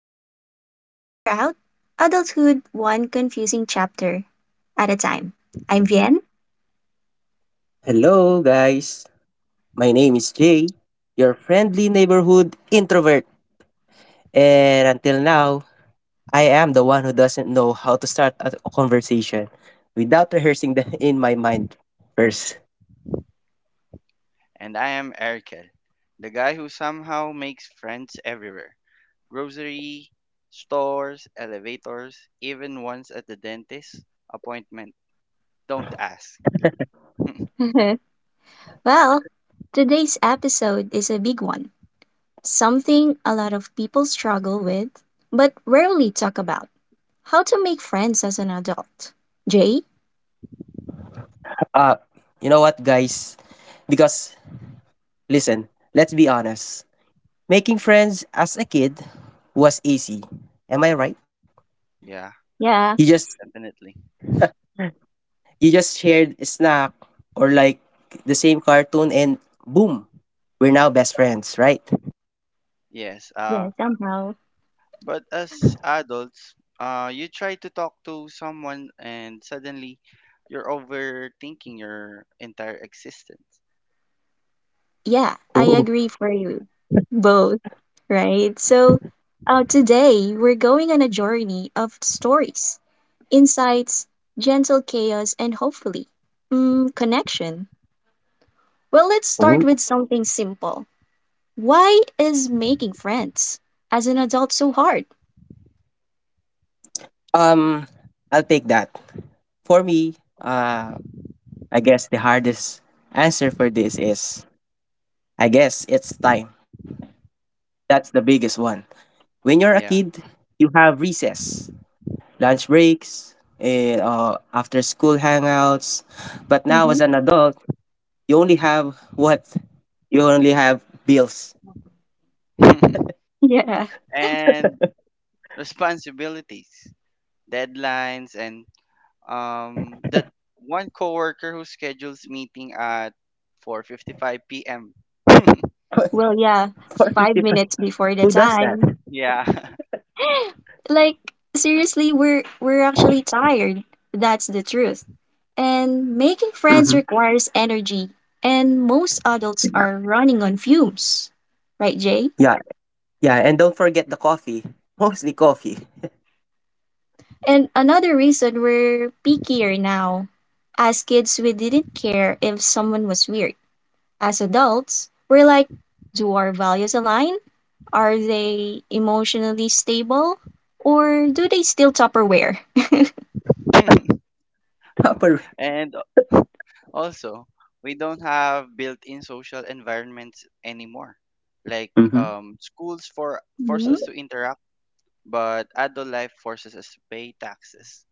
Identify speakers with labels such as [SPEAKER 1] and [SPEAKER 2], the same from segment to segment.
[SPEAKER 1] where we try to figure out adulthood one confusing chapter at a time. I'm Vien.
[SPEAKER 2] Hello, guys. My name is Jay, your friendly neighborhood introvert. And until now, I am the one who doesn't know how to start a conversation without rehearsing them in my mind first.
[SPEAKER 3] And I am Erikel, the guy who somehow makes friends everywhere grocery, stores, elevators, even once at the dentist appointment. Don't ask.
[SPEAKER 1] Well, today's episode is a big one, something a lot of people struggle with, but rarely talk about how to make friends as an adult. Jay?
[SPEAKER 2] Uh, you know what, guys? Because, listen, let's be honest. Making friends as a kid was easy. Am I right?
[SPEAKER 3] Yeah,
[SPEAKER 2] You
[SPEAKER 1] Yeah,
[SPEAKER 2] just
[SPEAKER 3] definitely.
[SPEAKER 2] you just shared a snack or like the same cartoon and boom, we're now best friends, right?
[SPEAKER 3] Yes.
[SPEAKER 1] yeah, somehow.
[SPEAKER 3] But as adults, you try to talk to someone and suddenly you're overthinking your entire existence.
[SPEAKER 1] Yeah, I agree for you. Both, right? So, today we're going on a journey of stories, insights, gentle chaos, and hopefully, connection. Well, let's start
[SPEAKER 2] Mhm.
[SPEAKER 1] with something simple. Why is making friends as an adult so hard?
[SPEAKER 2] Um, I'll take that. For me, I guess the hardest answer for this is I guess it's time. That's the biggest one. When you're a
[SPEAKER 3] Yeah.
[SPEAKER 2] kid, you have recess, lunch breaks, and after school hangouts. But now
[SPEAKER 1] Mm-hmm.
[SPEAKER 2] as an adult, you only have what? You only have bills.
[SPEAKER 1] Yeah.
[SPEAKER 3] And responsibilities, deadlines, and that one coworker who schedules meeting at 4:55 p.m.
[SPEAKER 1] Well, yeah,
[SPEAKER 2] For 50,
[SPEAKER 1] 5 minutes
[SPEAKER 2] who
[SPEAKER 1] before the
[SPEAKER 2] does that?
[SPEAKER 1] time.
[SPEAKER 3] Yeah.
[SPEAKER 1] Like, seriously, we're actually tired. That's the truth. And making
[SPEAKER 2] Mm-hmm.
[SPEAKER 1] friends requires energy, and most adults are running on fumes. Right, Jay?
[SPEAKER 2] Yeah, yeah, and don't forget the coffee. Mostly coffee.
[SPEAKER 1] And another reason we're pickier now. As kids, we didn't care if someone was weird. As adults,
[SPEAKER 2] Mm-hmm.
[SPEAKER 1] we're like, do our values align? Are they emotionally stable? Or do they still Tupperware?
[SPEAKER 2] Tupperware.
[SPEAKER 3] And also, we don't have built-in social environments anymore. Like
[SPEAKER 2] Mm-hmm.
[SPEAKER 3] schools for force
[SPEAKER 1] hmm
[SPEAKER 3] us to interact, but adult life forces us to pay taxes.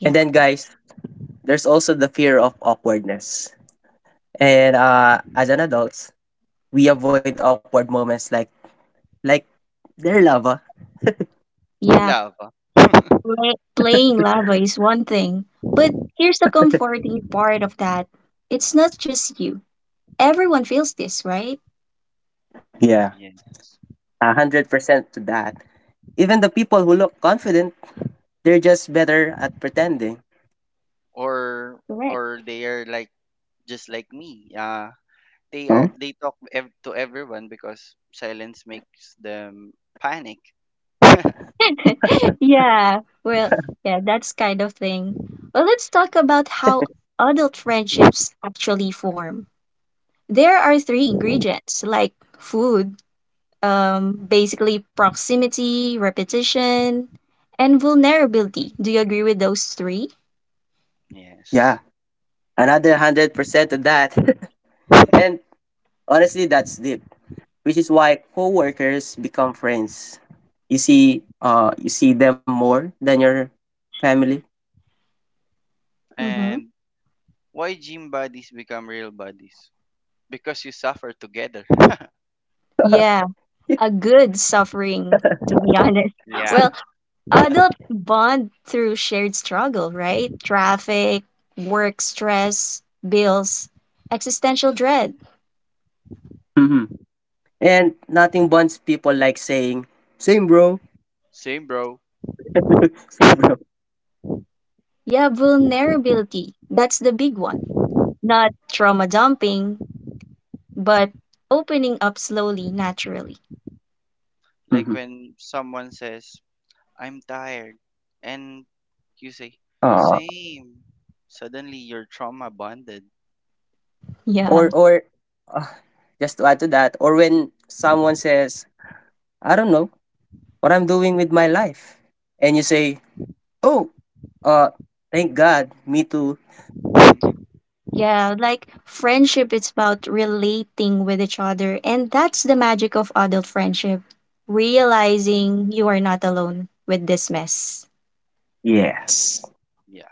[SPEAKER 1] Yeah.
[SPEAKER 2] And then, guys, there's also the fear of awkwardness. And as an adult, we avoid awkward moments like like their lava.
[SPEAKER 1] Yeah.
[SPEAKER 3] Love.
[SPEAKER 1] Playing lava is one thing. But here's the comforting part of that it's not just you. Everyone feels this, right?
[SPEAKER 2] Yeah.
[SPEAKER 3] Yes.
[SPEAKER 2] 100% to that. Even the people who look confident, they're just better at pretending.
[SPEAKER 3] Or
[SPEAKER 1] Correct.
[SPEAKER 3] or they are like just like me.
[SPEAKER 2] Oh?
[SPEAKER 3] They talk to everyone because silence makes them panic.
[SPEAKER 1] yeah, well, yeah, that's kind of thing. Well, let's talk about how adult friendships actually form. There are three ingredients like food, basically proximity, repetition, and vulnerability. Do you agree with those three?
[SPEAKER 2] Yeah.
[SPEAKER 3] Yes.
[SPEAKER 2] Another 100% to that. And honestly, that's deep. Which is why coworkers become friends. You see them more than your family.
[SPEAKER 1] Mm-hmm.
[SPEAKER 3] And why gym bodies become real bodies? Because you suffer together.
[SPEAKER 1] Yeah, a good suffering, to be honest.
[SPEAKER 3] Yeah,
[SPEAKER 1] Well, adult bond through shared struggle, right? Traffic, work stress, bills, existential dread.
[SPEAKER 2] Mhm. And nothing bonds people like saying, "Same, bro."
[SPEAKER 3] same bro.
[SPEAKER 2] "Same, bro."
[SPEAKER 1] Yeah, vulnerability. That's the big one. Not trauma dumping, but opening up slowly, naturally.
[SPEAKER 3] Like
[SPEAKER 2] Mhm.
[SPEAKER 3] when someone says, "I'm tired," and you say,
[SPEAKER 2] Aw.
[SPEAKER 3] "Same." Suddenly you're trauma bonded.
[SPEAKER 1] Yeah.
[SPEAKER 2] Or uh, just to add to that, or when someone says, "I don't know what I'm doing with my life," and you say, "Oh, uh, thank God, me too."
[SPEAKER 1] Yeah, like friendship it's about relating with each other. And that's the magic of adult friendship, realizing you are not alone with this mess.
[SPEAKER 2] Yes.
[SPEAKER 3] Yeah.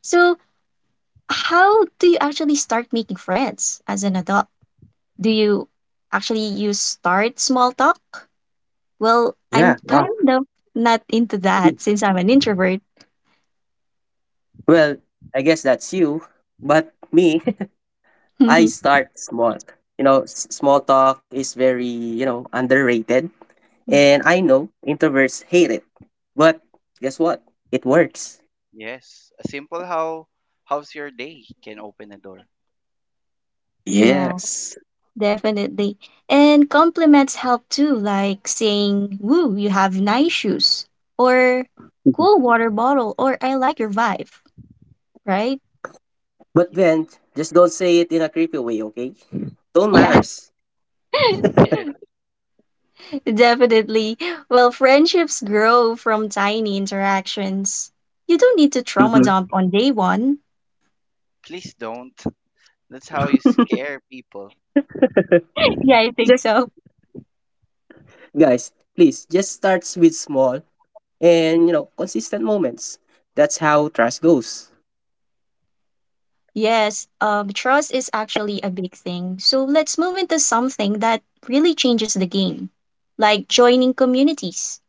[SPEAKER 1] So, how do you actually start making friends as an adult? Do you actually use start small talk? Well, I'm
[SPEAKER 2] Yeah. Ah.
[SPEAKER 1] kind of not into that since I'm an introvert.
[SPEAKER 2] Well, I guess that's you. But me, I start small. You know, small talk is very, underrated. And I know introverts hate it. But guess what? It works.
[SPEAKER 3] Yes. A simple how's your day can open a door.
[SPEAKER 1] Yeah,
[SPEAKER 2] Yes.
[SPEAKER 1] definitely. And compliments help too, like saying, woo, you have nice shoes, or
[SPEAKER 2] Mhm.
[SPEAKER 1] cool water bottle, or I like your vibe, right?
[SPEAKER 2] But then,
[SPEAKER 3] Yes.
[SPEAKER 2] just don't say it in a creepy way, okay? Tone
[SPEAKER 1] Yeah.
[SPEAKER 2] matters.
[SPEAKER 3] Yes.
[SPEAKER 1] Definitely. Well, friendships grow from tiny interactions. You don't need to trauma
[SPEAKER 2] Hmm.
[SPEAKER 1] dump on day one.
[SPEAKER 3] Please don't. That's how you scare people.
[SPEAKER 1] Yeah, I think
[SPEAKER 2] Just,
[SPEAKER 1] so.
[SPEAKER 2] guys, please, just starts with small and, consistent moments. That's how trust goes.
[SPEAKER 1] Yes, trust is actually a big thing. So let's move into something that really changes the game, like joining communities.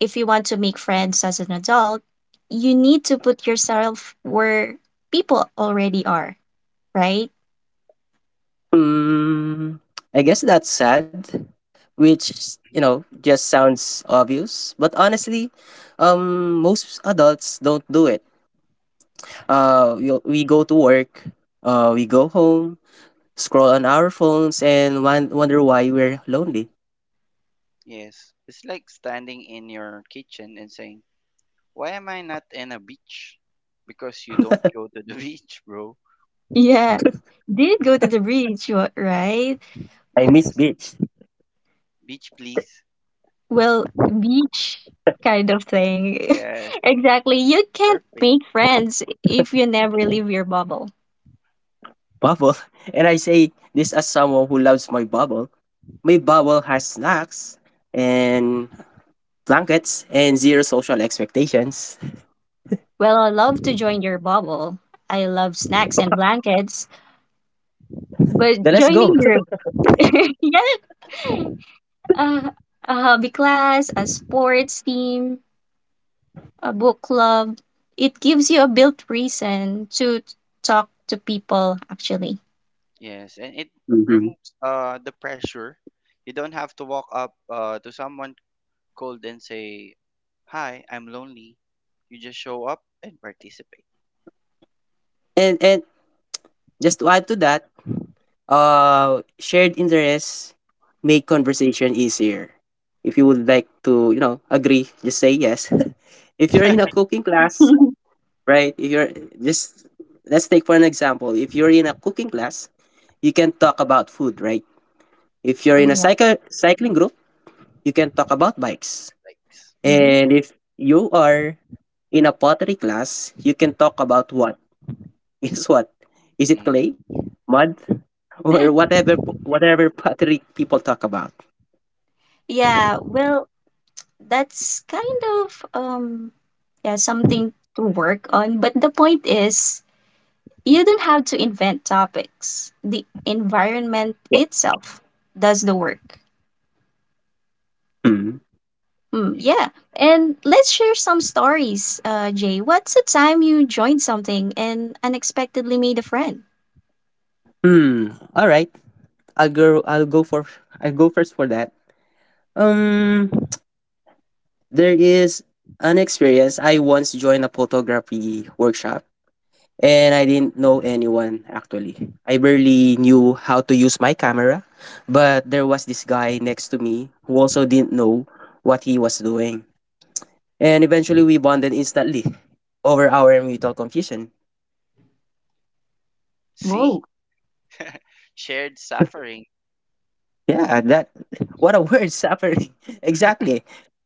[SPEAKER 1] If you want to make friends as an adult, you need to put yourself where people already are, right?
[SPEAKER 2] Mm, I guess that's sad, which, just sounds obvious. But honestly, most adults don't do it. We go to work, we go home, scroll on our phones, and wonder why we're lonely.
[SPEAKER 3] Yes. It's like standing in your kitchen and saying, why am I not in a beach? Because you don't go to the beach, bro.
[SPEAKER 1] Yeah. Did go to the beach, right?
[SPEAKER 2] I miss
[SPEAKER 3] Yes.
[SPEAKER 2] beach.
[SPEAKER 3] Beach, please.
[SPEAKER 1] Well, beach kind of thing.
[SPEAKER 3] Yes.
[SPEAKER 1] Exactly. You can't
[SPEAKER 3] Surfing.
[SPEAKER 1] make friends if you never leave your bubble.
[SPEAKER 2] Bubble, and I say this as someone who loves my bubble. My bubble has snacks and blankets and zero social expectations.
[SPEAKER 1] Well, I love to join your bubble. I love snacks and blankets, but
[SPEAKER 2] Then let's
[SPEAKER 1] joining
[SPEAKER 2] go.
[SPEAKER 1] your yeah, uh, a hobby class, a sports team, a book club, it gives you a built reason to talk to people actually.
[SPEAKER 3] Yes. And it
[SPEAKER 2] Hmm.
[SPEAKER 3] removes the pressure. You don't have to walk up to someone cold and say, hi, I'm lonely. You just show up and participate.
[SPEAKER 2] And just to add to that, shared interests make conversation easier. If you would like to, agree, just say yes. If you're in a cooking class, right? If you're just Let's take for an example. If you're in a cooking class, you can talk about food, right? If you're in a
[SPEAKER 3] Yeah.
[SPEAKER 1] yeah.
[SPEAKER 2] cycle cycling group, you can talk about bikes.
[SPEAKER 3] Like,
[SPEAKER 1] hmm
[SPEAKER 2] And if you are in a pottery class, you can talk about what? is what? Is it clay,
[SPEAKER 3] mm,
[SPEAKER 2] mud, or whatever pottery people talk about?
[SPEAKER 1] yeah, well, that's kind of yeah, something to work on, but the point is you don't have to invent topics. The environment
[SPEAKER 2] Yeah.
[SPEAKER 1] itself does the work.
[SPEAKER 2] Hmm.
[SPEAKER 1] Hmm.
[SPEAKER 3] yeah.
[SPEAKER 1] Yeah. And let's share some stories. Jay, what's the time you joined something and unexpectedly made a friend?
[SPEAKER 2] Hmm. All right. I'll go. I'll go for. I'll go first for that. Um. There is an experience. I once joined a photography workshop, and I didn't know anyone. Actually, I barely knew how to use my camera. But there was this guy next to me who also didn't know what he was doing. And eventually, we bonded instantly over our mutual confusion.
[SPEAKER 3] See?
[SPEAKER 1] Whoa.
[SPEAKER 3] Shared suffering.
[SPEAKER 2] Yeah, that, what a word, suffering. Exactly.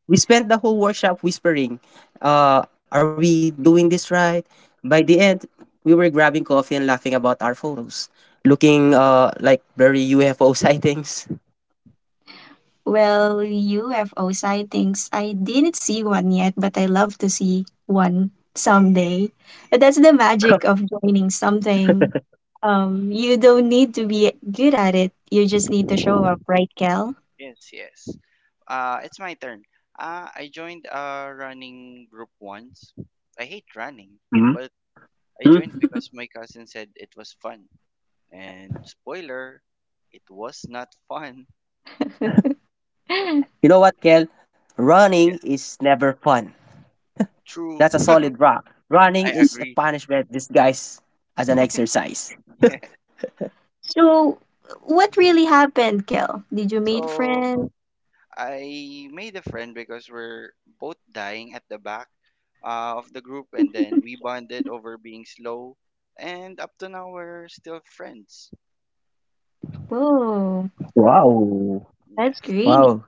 [SPEAKER 2] We spent the whole workshop whispering, are we doing this right? By the end, we were grabbing coffee and laughing about our photos, looking like blurry UFO sightings.
[SPEAKER 1] Well, UFO sightings, I didn't see one yet, but I love to see one someday. But that's the magic of joining something. You don't need to be good at it. You just need to show up, right, Kel?
[SPEAKER 3] Yes, yes. It's my turn. I joined a running group once. I hate running,
[SPEAKER 2] Hmm.
[SPEAKER 3] but I joined
[SPEAKER 2] Hmm.
[SPEAKER 3] because my cousin said it was fun. And spoiler, it was not fun.
[SPEAKER 2] You know what, Kel?
[SPEAKER 3] Yeah,
[SPEAKER 2] Running is never fun.
[SPEAKER 3] true.
[SPEAKER 2] That's a solid rock.
[SPEAKER 3] I
[SPEAKER 2] Running is a
[SPEAKER 3] agree.
[SPEAKER 2] punishment disguised as an exercise.
[SPEAKER 1] So, what really happened, Kel? Did you meet
[SPEAKER 3] So
[SPEAKER 1] friends?
[SPEAKER 3] I made a friend because we're both dying at the back of the group, and then we bonded over being slow. And up to now, we're still friends.
[SPEAKER 1] Whoa,
[SPEAKER 2] Wow.
[SPEAKER 1] that's
[SPEAKER 3] Yes,
[SPEAKER 1] great.
[SPEAKER 2] Wow,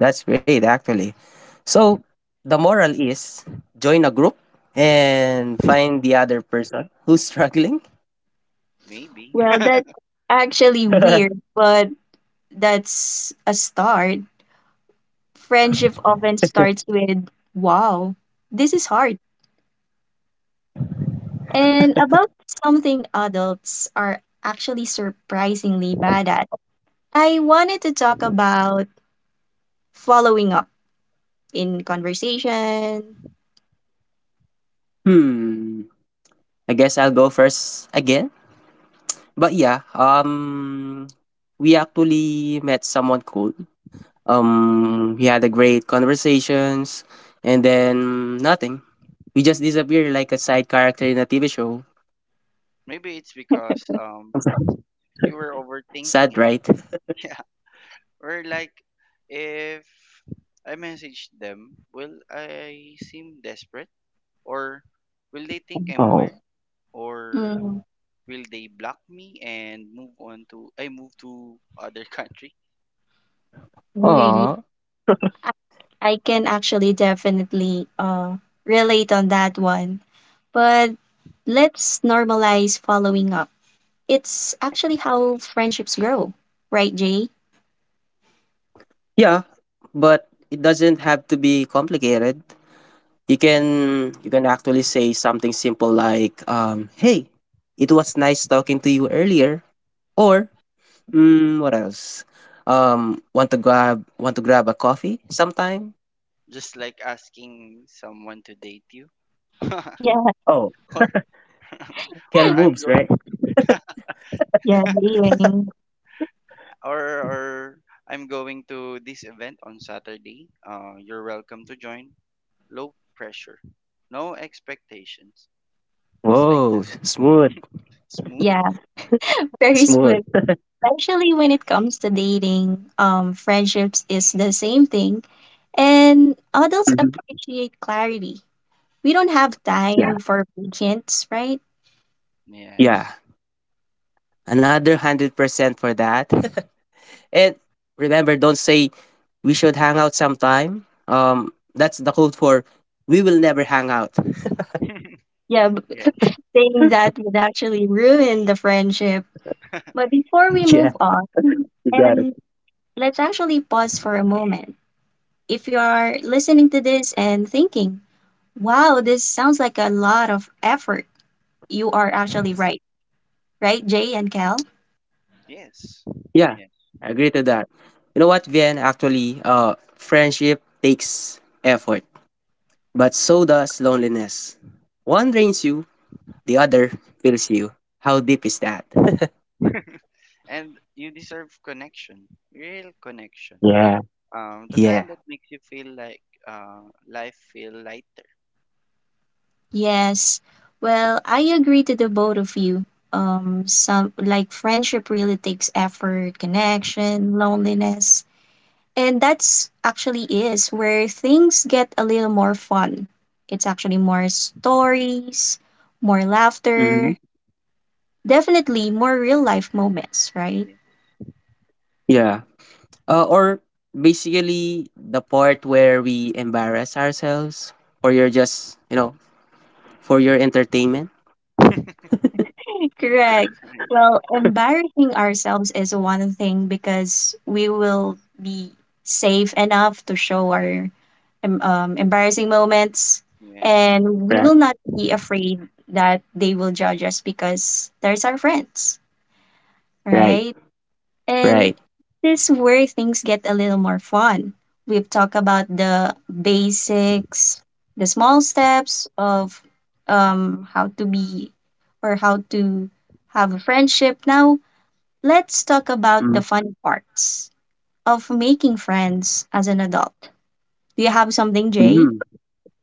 [SPEAKER 2] that's great, actually. So the moral is join a group and find the other person who's struggling.
[SPEAKER 3] maybe.
[SPEAKER 1] Well, that's actually weird, but that's a start. Friendship often starts with, wow, this is hard. And about something adults are actually surprisingly bad at. I wanted to talk about following up in conversation.
[SPEAKER 2] Hmm. I guess I'll go first again. But yeah, we actually met someone cool. We had a great conversations, and then nothing. We just disappeared like a side character in a TV show.
[SPEAKER 3] Maybe it's because you were overthinking
[SPEAKER 2] Sad,
[SPEAKER 3] it.
[SPEAKER 2] right?
[SPEAKER 3] Yeah. Or like if I message them, will I seem desperate? Or will they think I'm
[SPEAKER 2] Oh.
[SPEAKER 3] weird? Or
[SPEAKER 1] Mm,
[SPEAKER 3] will they block me and move on to I move to other country?
[SPEAKER 1] really,
[SPEAKER 2] Aw.
[SPEAKER 1] I, I can actually definitely relate on that one. But let's normalize following up. It's actually how friendships grow, right, Jay?
[SPEAKER 2] Yeah, but it doesn't have to be complicated. You can you can actually say something simple like, "Hey, it was nice talking to you earlier," or what else? Want to grab a coffee sometime?
[SPEAKER 3] Just like asking someone to date you. or
[SPEAKER 1] Yeah,
[SPEAKER 2] Oh, hell
[SPEAKER 3] or I'm
[SPEAKER 2] moves, right.
[SPEAKER 3] going
[SPEAKER 1] yeah, dealing.
[SPEAKER 3] or I'm going to this event on Saturday. You're welcome to join. Low pressure, no expectations. Just like
[SPEAKER 2] Whoa,
[SPEAKER 3] that.
[SPEAKER 2] smooth,
[SPEAKER 3] Smooth.
[SPEAKER 1] Yeah. Very
[SPEAKER 2] smooth.
[SPEAKER 1] spoon. Especially when it comes to dating, friendships is the same thing. And adults
[SPEAKER 2] Mhm.
[SPEAKER 1] appreciate clarity. We don't have
[SPEAKER 2] Yeah,
[SPEAKER 1] time for patience, right?
[SPEAKER 3] Yes.
[SPEAKER 2] yeah. Another 100% for that. And remember, don't say we should hang out sometime. That's the code for we will never hang out.
[SPEAKER 1] Yeah,
[SPEAKER 3] Yes.
[SPEAKER 1] saying that would actually ruin the friendship. But before we
[SPEAKER 2] Yeah,
[SPEAKER 1] move on,
[SPEAKER 2] you got it.
[SPEAKER 1] and let's actually pause for a moment. If you are listening to this and thinking, wow, this sounds like a lot of effort, you are actually right. Right, Jay and Cal?
[SPEAKER 3] Yes.
[SPEAKER 2] Yeah,
[SPEAKER 3] Yeah.
[SPEAKER 2] I agree to that. You know what, Vien? Actually, friendship takes effort, but so does loneliness. One drains you, the other fills you. How deep is that?
[SPEAKER 3] And you deserve connection, real connection.
[SPEAKER 2] Yeah.
[SPEAKER 3] The kind
[SPEAKER 2] Yeah.
[SPEAKER 3] that makes you feel like uh, life feel lighter.
[SPEAKER 1] Yes. Well, I agree to the both of you. Some like friendship really takes effort, connection, loneliness, and that's actually is where things get a little more fun. It's actually more stories, more laughter,
[SPEAKER 2] Hmm.
[SPEAKER 1] definitely more real life moments, right?
[SPEAKER 3] Yeah.
[SPEAKER 2] Yeah. Or basically the part where we embarrass ourselves for your entertainment.
[SPEAKER 1] Correct.
[SPEAKER 3] Right.
[SPEAKER 1] Well, embarrassing ourselves is one thing because we will be safe enough to show our embarrassing moments,
[SPEAKER 3] Yes.
[SPEAKER 1] and we will not
[SPEAKER 2] Right.
[SPEAKER 1] be afraid that they will judge us because there's our friends, right?
[SPEAKER 2] Right.
[SPEAKER 1] And
[SPEAKER 2] Right.
[SPEAKER 1] this is where things get a little more fun. We've talked about the basics, the small steps of how to be or how to have a friendship. Now, let's talk about the fun
[SPEAKER 2] Mm.
[SPEAKER 1] parts of making friends as an adult. Do you have something, Jay?
[SPEAKER 2] Mm.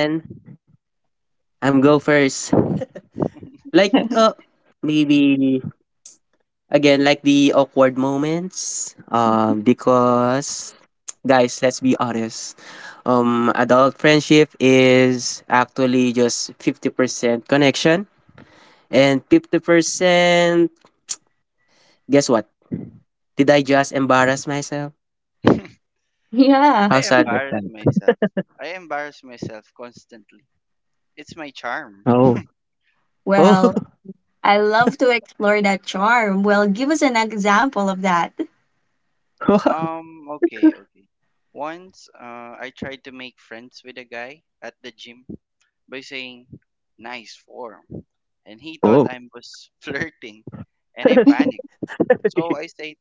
[SPEAKER 2] Again, I'm go first. Like, maybe Again, like the awkward moments, because guys, let's be honest. Adult friendship is actually just 50% connection and 50% guess what? Did I just embarrass myself?
[SPEAKER 1] Yeah.
[SPEAKER 3] I
[SPEAKER 2] How sad is
[SPEAKER 3] embarrass
[SPEAKER 2] that?
[SPEAKER 3] myself. I embarrass myself constantly. It's my charm.
[SPEAKER 2] Oh. Oh.
[SPEAKER 1] Well, I love to explore that charm. Well, give us an example of that.
[SPEAKER 3] Okay, okay. Once, I tried to make friends with a guy at the gym by saying, nice form. And he thought
[SPEAKER 2] Oh.
[SPEAKER 3] I was flirting, and I panicked. So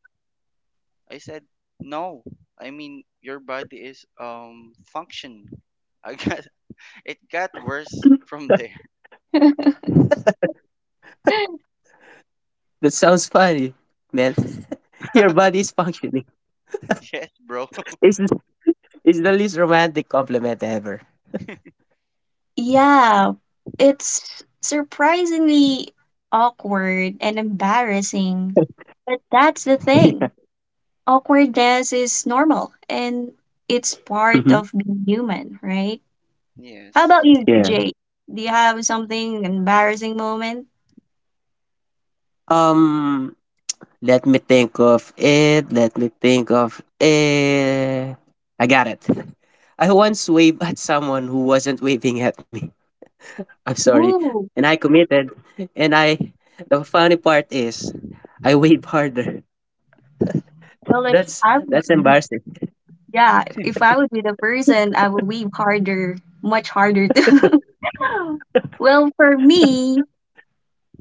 [SPEAKER 3] I said, no, I mean, your body is, functioning. I got, it got worse from there.
[SPEAKER 2] That sounds funny, man. Your body is functioning.
[SPEAKER 3] Yes, bro.
[SPEAKER 2] It's, it's the least romantic compliment ever.
[SPEAKER 1] Yeah, it's surprisingly awkward and embarrassing. But that's the
[SPEAKER 2] Yeah.
[SPEAKER 1] thing. Awkwardness is normal and it's part
[SPEAKER 2] Hmm,
[SPEAKER 1] of being human, right? How about
[SPEAKER 3] Yes.
[SPEAKER 1] you,
[SPEAKER 2] yeah.
[SPEAKER 1] Jay? Do you have something embarrassing moment?
[SPEAKER 2] Um, Let me think of it. Let me think of it. I got it. I once waved at someone who wasn't waving at me. I'm sorry.
[SPEAKER 1] Woo!
[SPEAKER 2] And I committed. And I The funny part is I waved harder.
[SPEAKER 1] Well, if
[SPEAKER 2] That's
[SPEAKER 1] I
[SPEAKER 2] that's
[SPEAKER 1] would be,
[SPEAKER 2] embarrassing.
[SPEAKER 1] yeah, if I would be the person, I would weave harder, much harder too. Well, for me,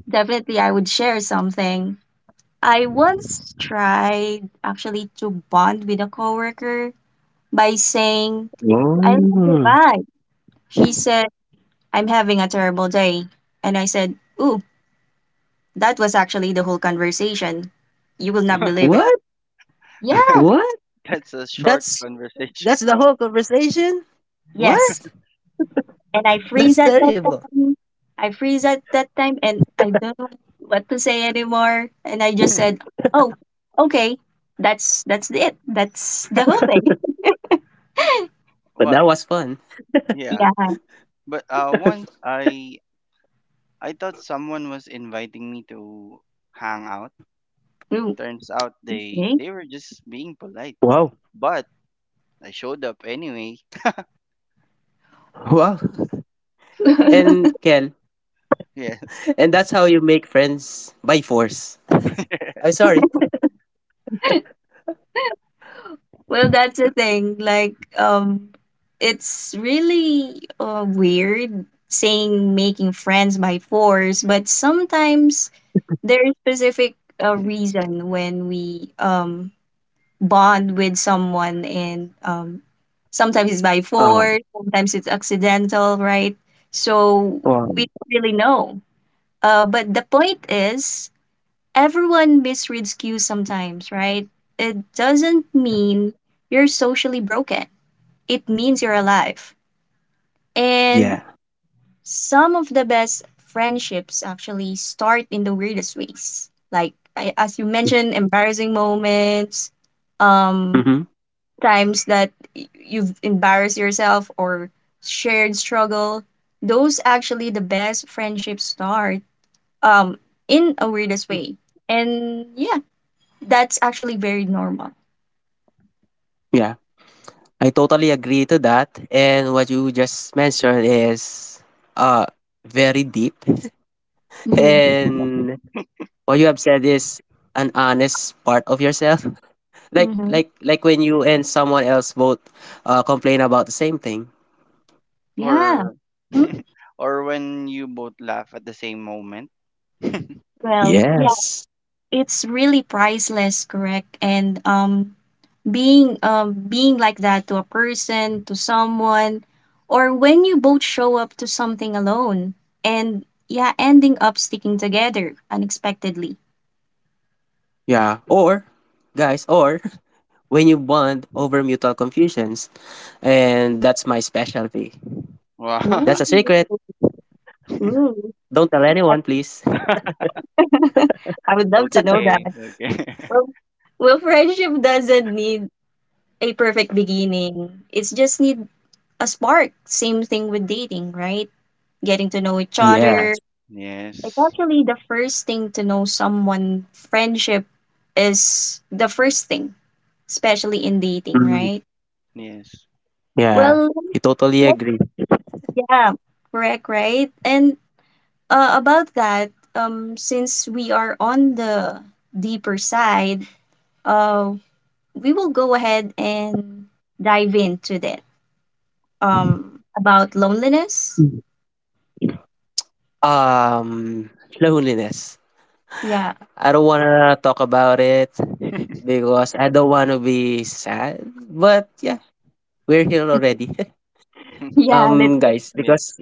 [SPEAKER 1] definitely I would share something. I once tried actually to bond with a coworker by saying, I love your
[SPEAKER 2] Oh.
[SPEAKER 1] vibe. She
[SPEAKER 3] That's
[SPEAKER 1] said, I'm having a terrible day. And I said, ooh, that was actually the whole conversation. You will not believe it.
[SPEAKER 2] What?
[SPEAKER 1] Yeah.
[SPEAKER 2] What?
[SPEAKER 3] a short
[SPEAKER 2] That's
[SPEAKER 3] conversation.
[SPEAKER 2] that's the whole conversation? What?
[SPEAKER 1] Yes. And I freeze
[SPEAKER 2] That's
[SPEAKER 1] at that
[SPEAKER 2] terrible.
[SPEAKER 1] time. I freeze at that time and I don't know what to say anymore. And I just said, oh, okay. That's it. That's the whole thing.
[SPEAKER 2] But
[SPEAKER 3] What?
[SPEAKER 2] that was fun.
[SPEAKER 3] Yeah.
[SPEAKER 1] Yeah.
[SPEAKER 3] But once I thought someone was inviting me to hang out.
[SPEAKER 1] Ooh,
[SPEAKER 3] Turns out
[SPEAKER 1] okay.
[SPEAKER 3] they were just being polite.
[SPEAKER 2] Wow.
[SPEAKER 3] But I showed up anyway.
[SPEAKER 2] Wow. And Kel,
[SPEAKER 3] Yes.
[SPEAKER 2] and that's how you make friends by force. I'm
[SPEAKER 3] Yes.
[SPEAKER 2] sorry.
[SPEAKER 1] Well that's the thing. Like, it's really weird saying making friends by force, but sometimes there is specific reason when we bond with someone and sometimes it's by
[SPEAKER 2] Um,
[SPEAKER 1] force, sometimes it's accidental, right? So
[SPEAKER 2] well,
[SPEAKER 1] we don't really know, but the point is everyone misreads cues sometimes, right? It doesn't mean you're socially broken, it means you're alive, and
[SPEAKER 2] yeah.
[SPEAKER 1] some of the best friendships actually start in the weirdest ways. Like I, as you mentioned, embarrassing moments, um,
[SPEAKER 2] Hmm,
[SPEAKER 1] times that you've embarrassed yourself or shared struggle. Those actually the best friendships start um in a weirdest way. And yeah, that's actually very normal.
[SPEAKER 2] yeah. I totally agree to that. And what you just mentioned is uh very deep.
[SPEAKER 1] Mm-hmm.
[SPEAKER 2] And what you have said is an honest part of yourself. Like
[SPEAKER 1] Mm-hmm.
[SPEAKER 2] like like when you and someone else both complain about the same thing.
[SPEAKER 1] Yeah.
[SPEAKER 3] Or
[SPEAKER 1] Hmm?
[SPEAKER 3] or when you both laugh at the same moment.
[SPEAKER 1] Well, yeah,
[SPEAKER 2] Yes.
[SPEAKER 1] it's really priceless, correct? And being being like that to a person, to someone, or when you both show up to something alone and yeah, ending up sticking together unexpectedly.
[SPEAKER 2] Yeah. Or, guys, or when you bond over mutual confusions. And that's my specialty. That's
[SPEAKER 3] Wow.
[SPEAKER 2] a secret.
[SPEAKER 1] Ooh. Ooh.
[SPEAKER 2] Don't tell anyone, please.
[SPEAKER 1] I would love to know
[SPEAKER 3] Okay,
[SPEAKER 1] that.
[SPEAKER 3] okay.
[SPEAKER 1] Well, well, friendship doesn't need a perfect beginning. It's just need a spark. Same thing with dating, right? Getting to know each other.
[SPEAKER 2] Yes.
[SPEAKER 1] It's
[SPEAKER 3] Yes.
[SPEAKER 1] actually the first thing to know someone. Friendship is the first thing especially in dating,
[SPEAKER 2] Mm,
[SPEAKER 1] right?
[SPEAKER 3] Yes.
[SPEAKER 2] yeah.
[SPEAKER 1] Well,
[SPEAKER 2] You totally
[SPEAKER 1] let-
[SPEAKER 2] agree.
[SPEAKER 1] yeah, correct, right? And about that, since we are on the deeper side, uh, we will go ahead and dive into that. About loneliness.
[SPEAKER 2] Mm. Um, Loneliness.
[SPEAKER 1] Yeah,
[SPEAKER 2] I don't wanna talk about it because I don't wanna be sad. But yeah, we're here already.
[SPEAKER 1] yeah. Let's.
[SPEAKER 2] Guys,
[SPEAKER 3] Yes,
[SPEAKER 2] because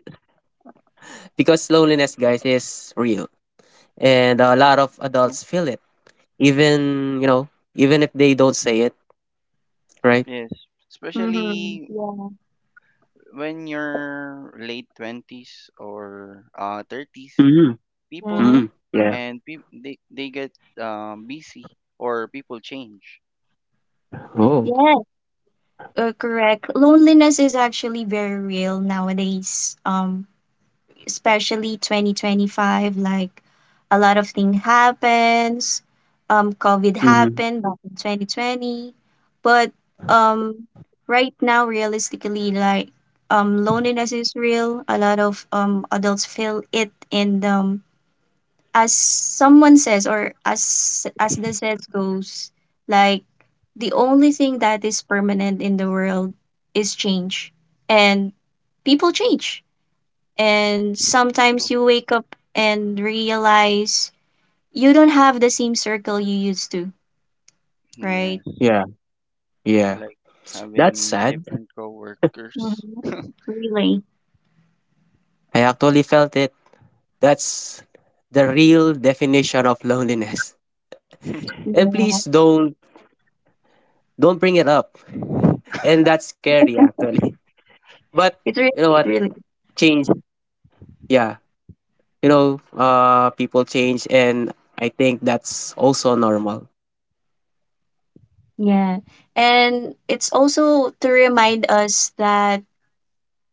[SPEAKER 2] loneliness, guys, is real, and a lot of
[SPEAKER 3] true.
[SPEAKER 2] adults feel it. Even you know, even if they don't say it, right?
[SPEAKER 3] Yes.
[SPEAKER 1] Mm-hmm.
[SPEAKER 3] Especially
[SPEAKER 1] Yeah.
[SPEAKER 3] when you're late 20s or 30s
[SPEAKER 2] Mm-hmm.
[SPEAKER 3] people
[SPEAKER 1] Mm-hmm.
[SPEAKER 2] Mm-hmm.
[SPEAKER 3] move
[SPEAKER 2] Yeah.
[SPEAKER 3] and peop they get busy or people change.
[SPEAKER 2] Oh.
[SPEAKER 1] Yeah. Correct. Loneliness is actually very real nowadays. Especially 2025 like a lot of thing happens, covid happened back in 2020, but um right now realistically like loneliness is real, a lot of adults feel it, and as someone says or as the says goes, like the only thing that is permanent in the world is change, and people change, and sometimes
[SPEAKER 3] True.
[SPEAKER 1] you wake up and realize you don't have the same circle you used to,
[SPEAKER 3] Yeah,
[SPEAKER 1] right?
[SPEAKER 2] Yeah, yeah.
[SPEAKER 3] like
[SPEAKER 2] That's
[SPEAKER 3] having
[SPEAKER 2] sad.
[SPEAKER 3] different
[SPEAKER 1] hmm
[SPEAKER 3] coworkers.
[SPEAKER 1] Really.
[SPEAKER 2] I actually felt it. That's the real definition of loneliness. And please
[SPEAKER 1] Yeah.
[SPEAKER 2] don't bring it up. And that's scary, actually. But
[SPEAKER 1] It
[SPEAKER 2] you
[SPEAKER 1] really,
[SPEAKER 2] know what?
[SPEAKER 1] it really.
[SPEAKER 2] Change. Yeah. You know, people change, and I think that's also normal.
[SPEAKER 1] Yeah. And it's also to remind us that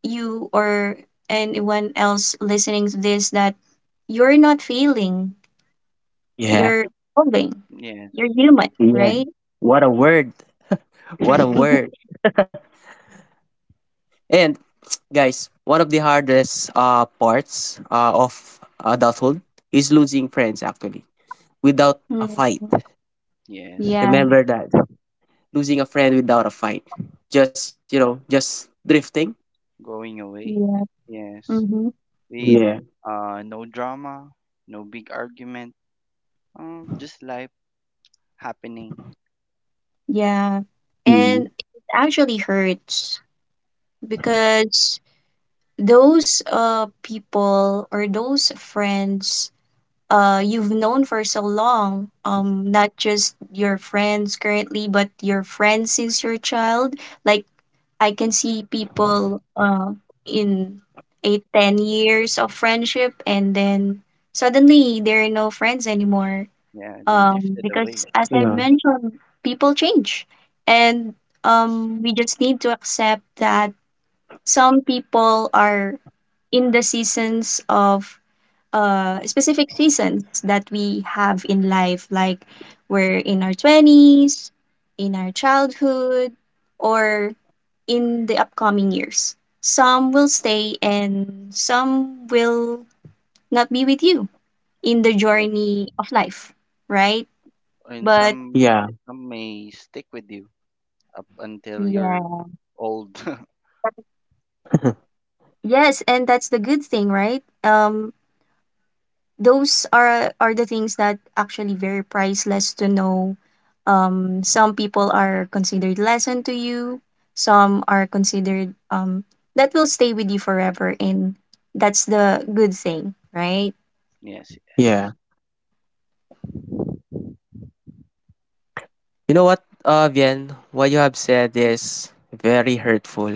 [SPEAKER 1] you or anyone else listening to this that you're not failing,
[SPEAKER 2] Yeah.
[SPEAKER 1] you're evolving,
[SPEAKER 3] Yes,
[SPEAKER 1] you're human,
[SPEAKER 2] Yeah.
[SPEAKER 1] right?
[SPEAKER 2] What a word. What a word.
[SPEAKER 1] Mhm.
[SPEAKER 2] And guys, one of the hardest parts of adulthood is losing friends, actually, without a
[SPEAKER 1] Mm,
[SPEAKER 2] fight.
[SPEAKER 3] yes,
[SPEAKER 1] yeah.
[SPEAKER 2] Remember that. Losing a friend without a fight. Just drifting.
[SPEAKER 3] going away.
[SPEAKER 1] Yeah.
[SPEAKER 3] Yes,
[SPEAKER 1] Mhm.
[SPEAKER 3] with
[SPEAKER 2] Yeah.
[SPEAKER 3] no drama, no big argument. Just life happening.
[SPEAKER 1] Yeah,
[SPEAKER 2] Mm.
[SPEAKER 1] and it actually hurts because those people or those friends you've known for so long, not just your friends currently, but your friends since your child. Like I can see people in eight, 10 years of friendship and then suddenly there are no friends anymore,
[SPEAKER 3] Yeah, they drifted
[SPEAKER 1] because
[SPEAKER 3] away.
[SPEAKER 1] as I
[SPEAKER 2] Yeah.
[SPEAKER 1] mentioned, people change, and
[SPEAKER 3] Yes,
[SPEAKER 1] we just need to accept that some people are in the seasons of specific seasons that we have in life, like we're in our twenties, in our childhood, or in the upcoming years. Some will stay, and some will not be with you in the
[SPEAKER 3] yeah,
[SPEAKER 1] journey of life, right?
[SPEAKER 3] and
[SPEAKER 1] But
[SPEAKER 2] Yeah.
[SPEAKER 3] some may stick with you up until you're
[SPEAKER 1] yeah.
[SPEAKER 3] old.
[SPEAKER 1] Yes, and that's the good thing, right? Those are the things that actually very priceless to know. Some people are considered lesson to you, some are considered that will stay with you forever, and that's the good thing, right?
[SPEAKER 3] Yes,
[SPEAKER 2] Yeah.
[SPEAKER 3] yes,
[SPEAKER 2] You know what, Vien, what you have said is very hurtful.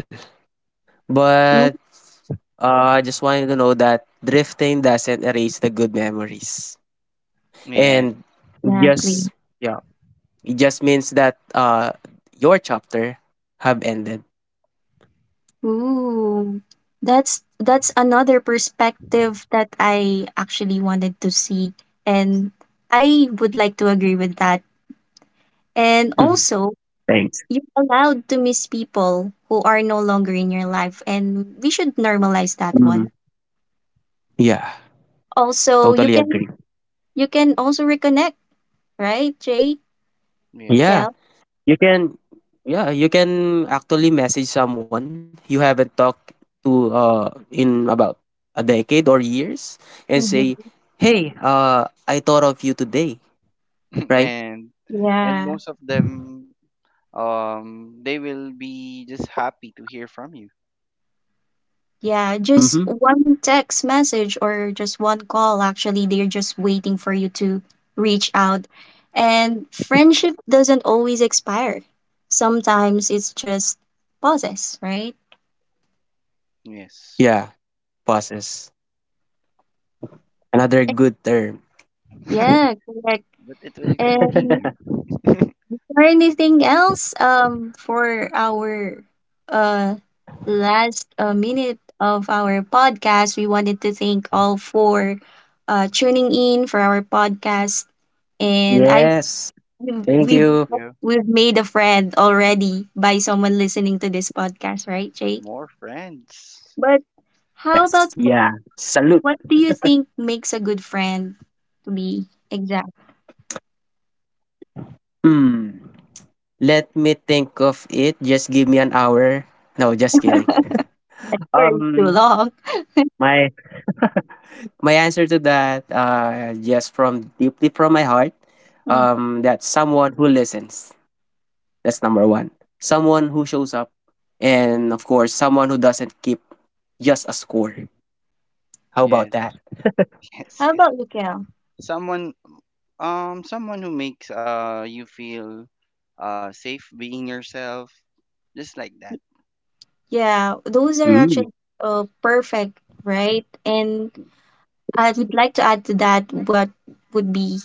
[SPEAKER 2] But
[SPEAKER 1] Mm,
[SPEAKER 2] I just want you to know that drifting doesn't erase the good memories.
[SPEAKER 3] yes.
[SPEAKER 2] And it
[SPEAKER 1] exactly.
[SPEAKER 2] just, yeah, it just means that your chapter have ended.
[SPEAKER 1] Ooh. That's another perspective that I actually wanted to see, and I would like to agree with that. And
[SPEAKER 2] Hmm.
[SPEAKER 1] also,
[SPEAKER 2] Thanks.
[SPEAKER 1] you're allowed to miss people who are no longer in your life, and we should normalize
[SPEAKER 2] Mm,
[SPEAKER 1] that one.
[SPEAKER 2] yeah,
[SPEAKER 1] Also,
[SPEAKER 2] totally agree.
[SPEAKER 1] you can also reconnect, right, Jay,
[SPEAKER 2] Yeah,
[SPEAKER 3] Yes.
[SPEAKER 1] Kel?
[SPEAKER 2] you can, yeah, you can actually message someone you haven't talked to in about a decade or years and say,
[SPEAKER 1] hmm
[SPEAKER 2] "Hey, I thought of you today." Right?
[SPEAKER 3] And and
[SPEAKER 1] Yeah.
[SPEAKER 3] most of them they will be just happy to hear from you.
[SPEAKER 1] Yeah, just
[SPEAKER 2] Mhm.
[SPEAKER 1] one text message or just one call. Actually, they're just waiting for you to reach out. And friendship doesn't always expire. Sometimes it's just pauses, right?
[SPEAKER 3] Yes.
[SPEAKER 2] Yeah, pauses. Another good term.
[SPEAKER 1] Yeah, correct.
[SPEAKER 3] But it will
[SPEAKER 1] And
[SPEAKER 3] continue.
[SPEAKER 1] or anything else for our uh last minute of our podcast, we wanted to thank all for tuning in for our podcast, and I
[SPEAKER 2] Yes.
[SPEAKER 1] we've
[SPEAKER 2] Thank
[SPEAKER 3] Thank you,
[SPEAKER 1] we've
[SPEAKER 3] thank
[SPEAKER 2] you.
[SPEAKER 3] you.
[SPEAKER 1] we've made a friend already by someone listening to this podcast, right jay.
[SPEAKER 3] More
[SPEAKER 2] Yes.
[SPEAKER 3] friends.
[SPEAKER 1] But
[SPEAKER 2] Yeah.
[SPEAKER 1] how
[SPEAKER 2] Salute.
[SPEAKER 1] about what do you think makes a good friend to be exact
[SPEAKER 2] Hmm. Let me think of it. Just give me an hour. No, just kidding.
[SPEAKER 1] or
[SPEAKER 2] um
[SPEAKER 1] too long.
[SPEAKER 2] my My answer to that, yes, from deeply from my heart,
[SPEAKER 1] Mm.
[SPEAKER 2] that someone who listens. That's number one. Someone who shows up, and of course, someone who doesn't keep just a score. How about
[SPEAKER 3] Yes,
[SPEAKER 2] that?
[SPEAKER 1] How
[SPEAKER 3] yes, yes.
[SPEAKER 1] about you.
[SPEAKER 3] Someone Someone who makes you feel safe being yourself. Just like that.
[SPEAKER 1] Yeah, those are
[SPEAKER 2] Mm.
[SPEAKER 1] actually perfect, right? And I would like to add to that what would be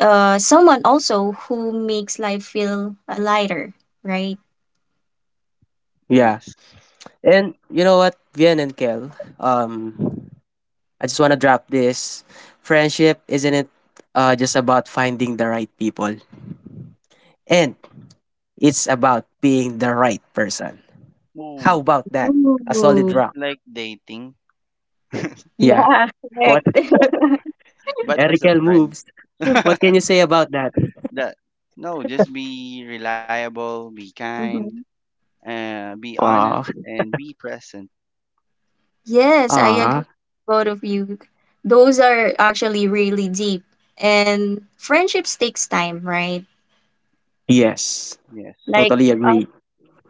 [SPEAKER 1] someone also who makes life feel lighter, right?
[SPEAKER 2] Yeah.
[SPEAKER 3] Yes.
[SPEAKER 2] And you know what, Vian and Kel, um, I just want to drop this. Friendship, isn't it just about finding the right people? And it's about being the right person. How
[SPEAKER 3] Oh,
[SPEAKER 2] about that? A solid
[SPEAKER 1] Ooh,
[SPEAKER 3] just
[SPEAKER 2] rock.
[SPEAKER 3] like dating,
[SPEAKER 2] Yeah.
[SPEAKER 1] yeah, correct.
[SPEAKER 2] What
[SPEAKER 3] but as a
[SPEAKER 2] Erikel
[SPEAKER 3] friend.
[SPEAKER 2] moves. What can you say about that?
[SPEAKER 3] That no, just be reliable, be kind,
[SPEAKER 1] Mhm.
[SPEAKER 3] be
[SPEAKER 2] Ah,
[SPEAKER 3] honest, and be present.
[SPEAKER 1] Yes, I
[SPEAKER 2] ah,
[SPEAKER 1] agree with both of you. Those are actually really deep. And friendships takes time, right?
[SPEAKER 2] yes.
[SPEAKER 3] Yes.
[SPEAKER 1] Like
[SPEAKER 2] Totally agree.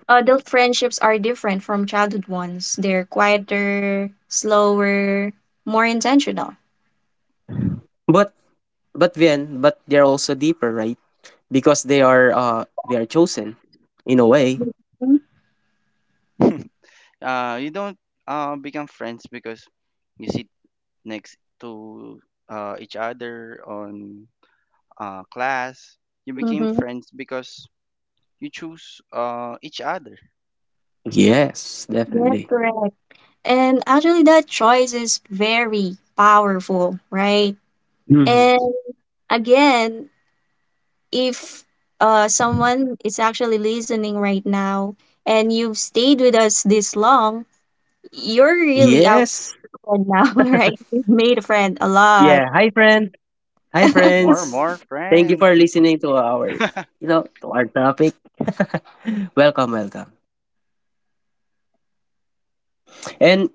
[SPEAKER 1] adult friendships are different from childhood ones. They're quieter, slower, more intentional.
[SPEAKER 2] But but they're also deeper, right? Because they are chosen in a way.
[SPEAKER 3] You don't become friends because you sit next to each other on class. You became
[SPEAKER 1] Mm-hmm.
[SPEAKER 3] friends because you choose each other.
[SPEAKER 2] Yes,
[SPEAKER 1] Yes,
[SPEAKER 2] definitely.
[SPEAKER 1] correct. And actually, that choice is very powerful, right?
[SPEAKER 3] Yes.
[SPEAKER 2] Mhm.
[SPEAKER 1] And again, if someone is actually listening right now and you've stayed with us this long, you're really our
[SPEAKER 2] Yes.
[SPEAKER 1] friend now, right? You've made a friend a lot.
[SPEAKER 2] Yeah. Hi friend. Hi friends.
[SPEAKER 3] More
[SPEAKER 2] Thank you
[SPEAKER 3] friends.
[SPEAKER 2] for listening to our you know to our topic. Welcome, welcome. And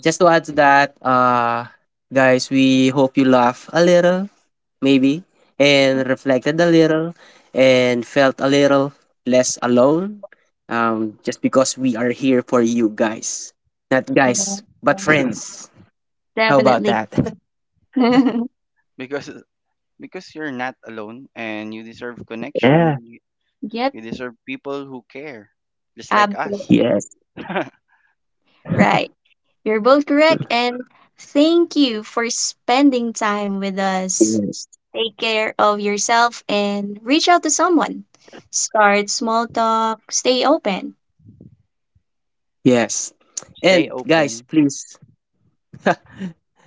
[SPEAKER 2] just to add to that, guys, we hope you laugh a little, maybe, and reflected a little, and felt a little less alone. Just because we are here for you guys, not
[SPEAKER 1] Yes,
[SPEAKER 2] guys, but
[SPEAKER 1] yes,
[SPEAKER 2] friends. How about
[SPEAKER 1] definitely.
[SPEAKER 2] that?
[SPEAKER 3] Because you're not alone and you deserve
[SPEAKER 2] Yeah.
[SPEAKER 3] connection. We
[SPEAKER 1] Yep,
[SPEAKER 3] deserve people who care, just like us.
[SPEAKER 1] absolutely
[SPEAKER 2] Yes,
[SPEAKER 1] right. You're both correct, and thank you for spending time with us.
[SPEAKER 2] yes,
[SPEAKER 1] Take care of yourself and reach out to someone. Start small talk, stay open.
[SPEAKER 2] yes.
[SPEAKER 3] Stay
[SPEAKER 2] And
[SPEAKER 3] open.
[SPEAKER 2] guys, please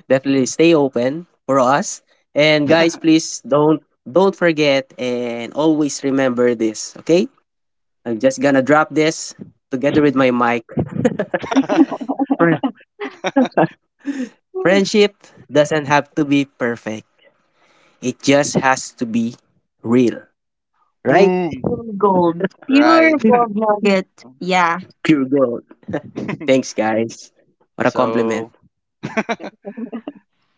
[SPEAKER 2] definitely stay open for us. And guys, please don't forget and always remember this. Okay, I'm just gonna drop this together with my mic. Fri-
[SPEAKER 1] Pure
[SPEAKER 2] Friendship doesn't have to be perfect. It just has to be real, right?
[SPEAKER 3] Boom. Right.
[SPEAKER 1] pure gold nugget. Yeah.
[SPEAKER 2] Pure gold. Thanks, guys. What a compliment.
[SPEAKER 3] So,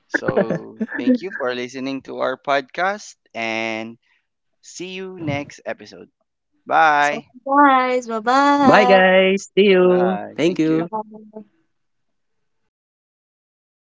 [SPEAKER 3] thank you for listening to our podcast and see you next episode. Bye.
[SPEAKER 1] So, guys, bye
[SPEAKER 2] Bye,
[SPEAKER 1] bye.
[SPEAKER 2] guys. See you.
[SPEAKER 3] Bye.
[SPEAKER 2] Thank
[SPEAKER 3] Thank you.
[SPEAKER 2] you.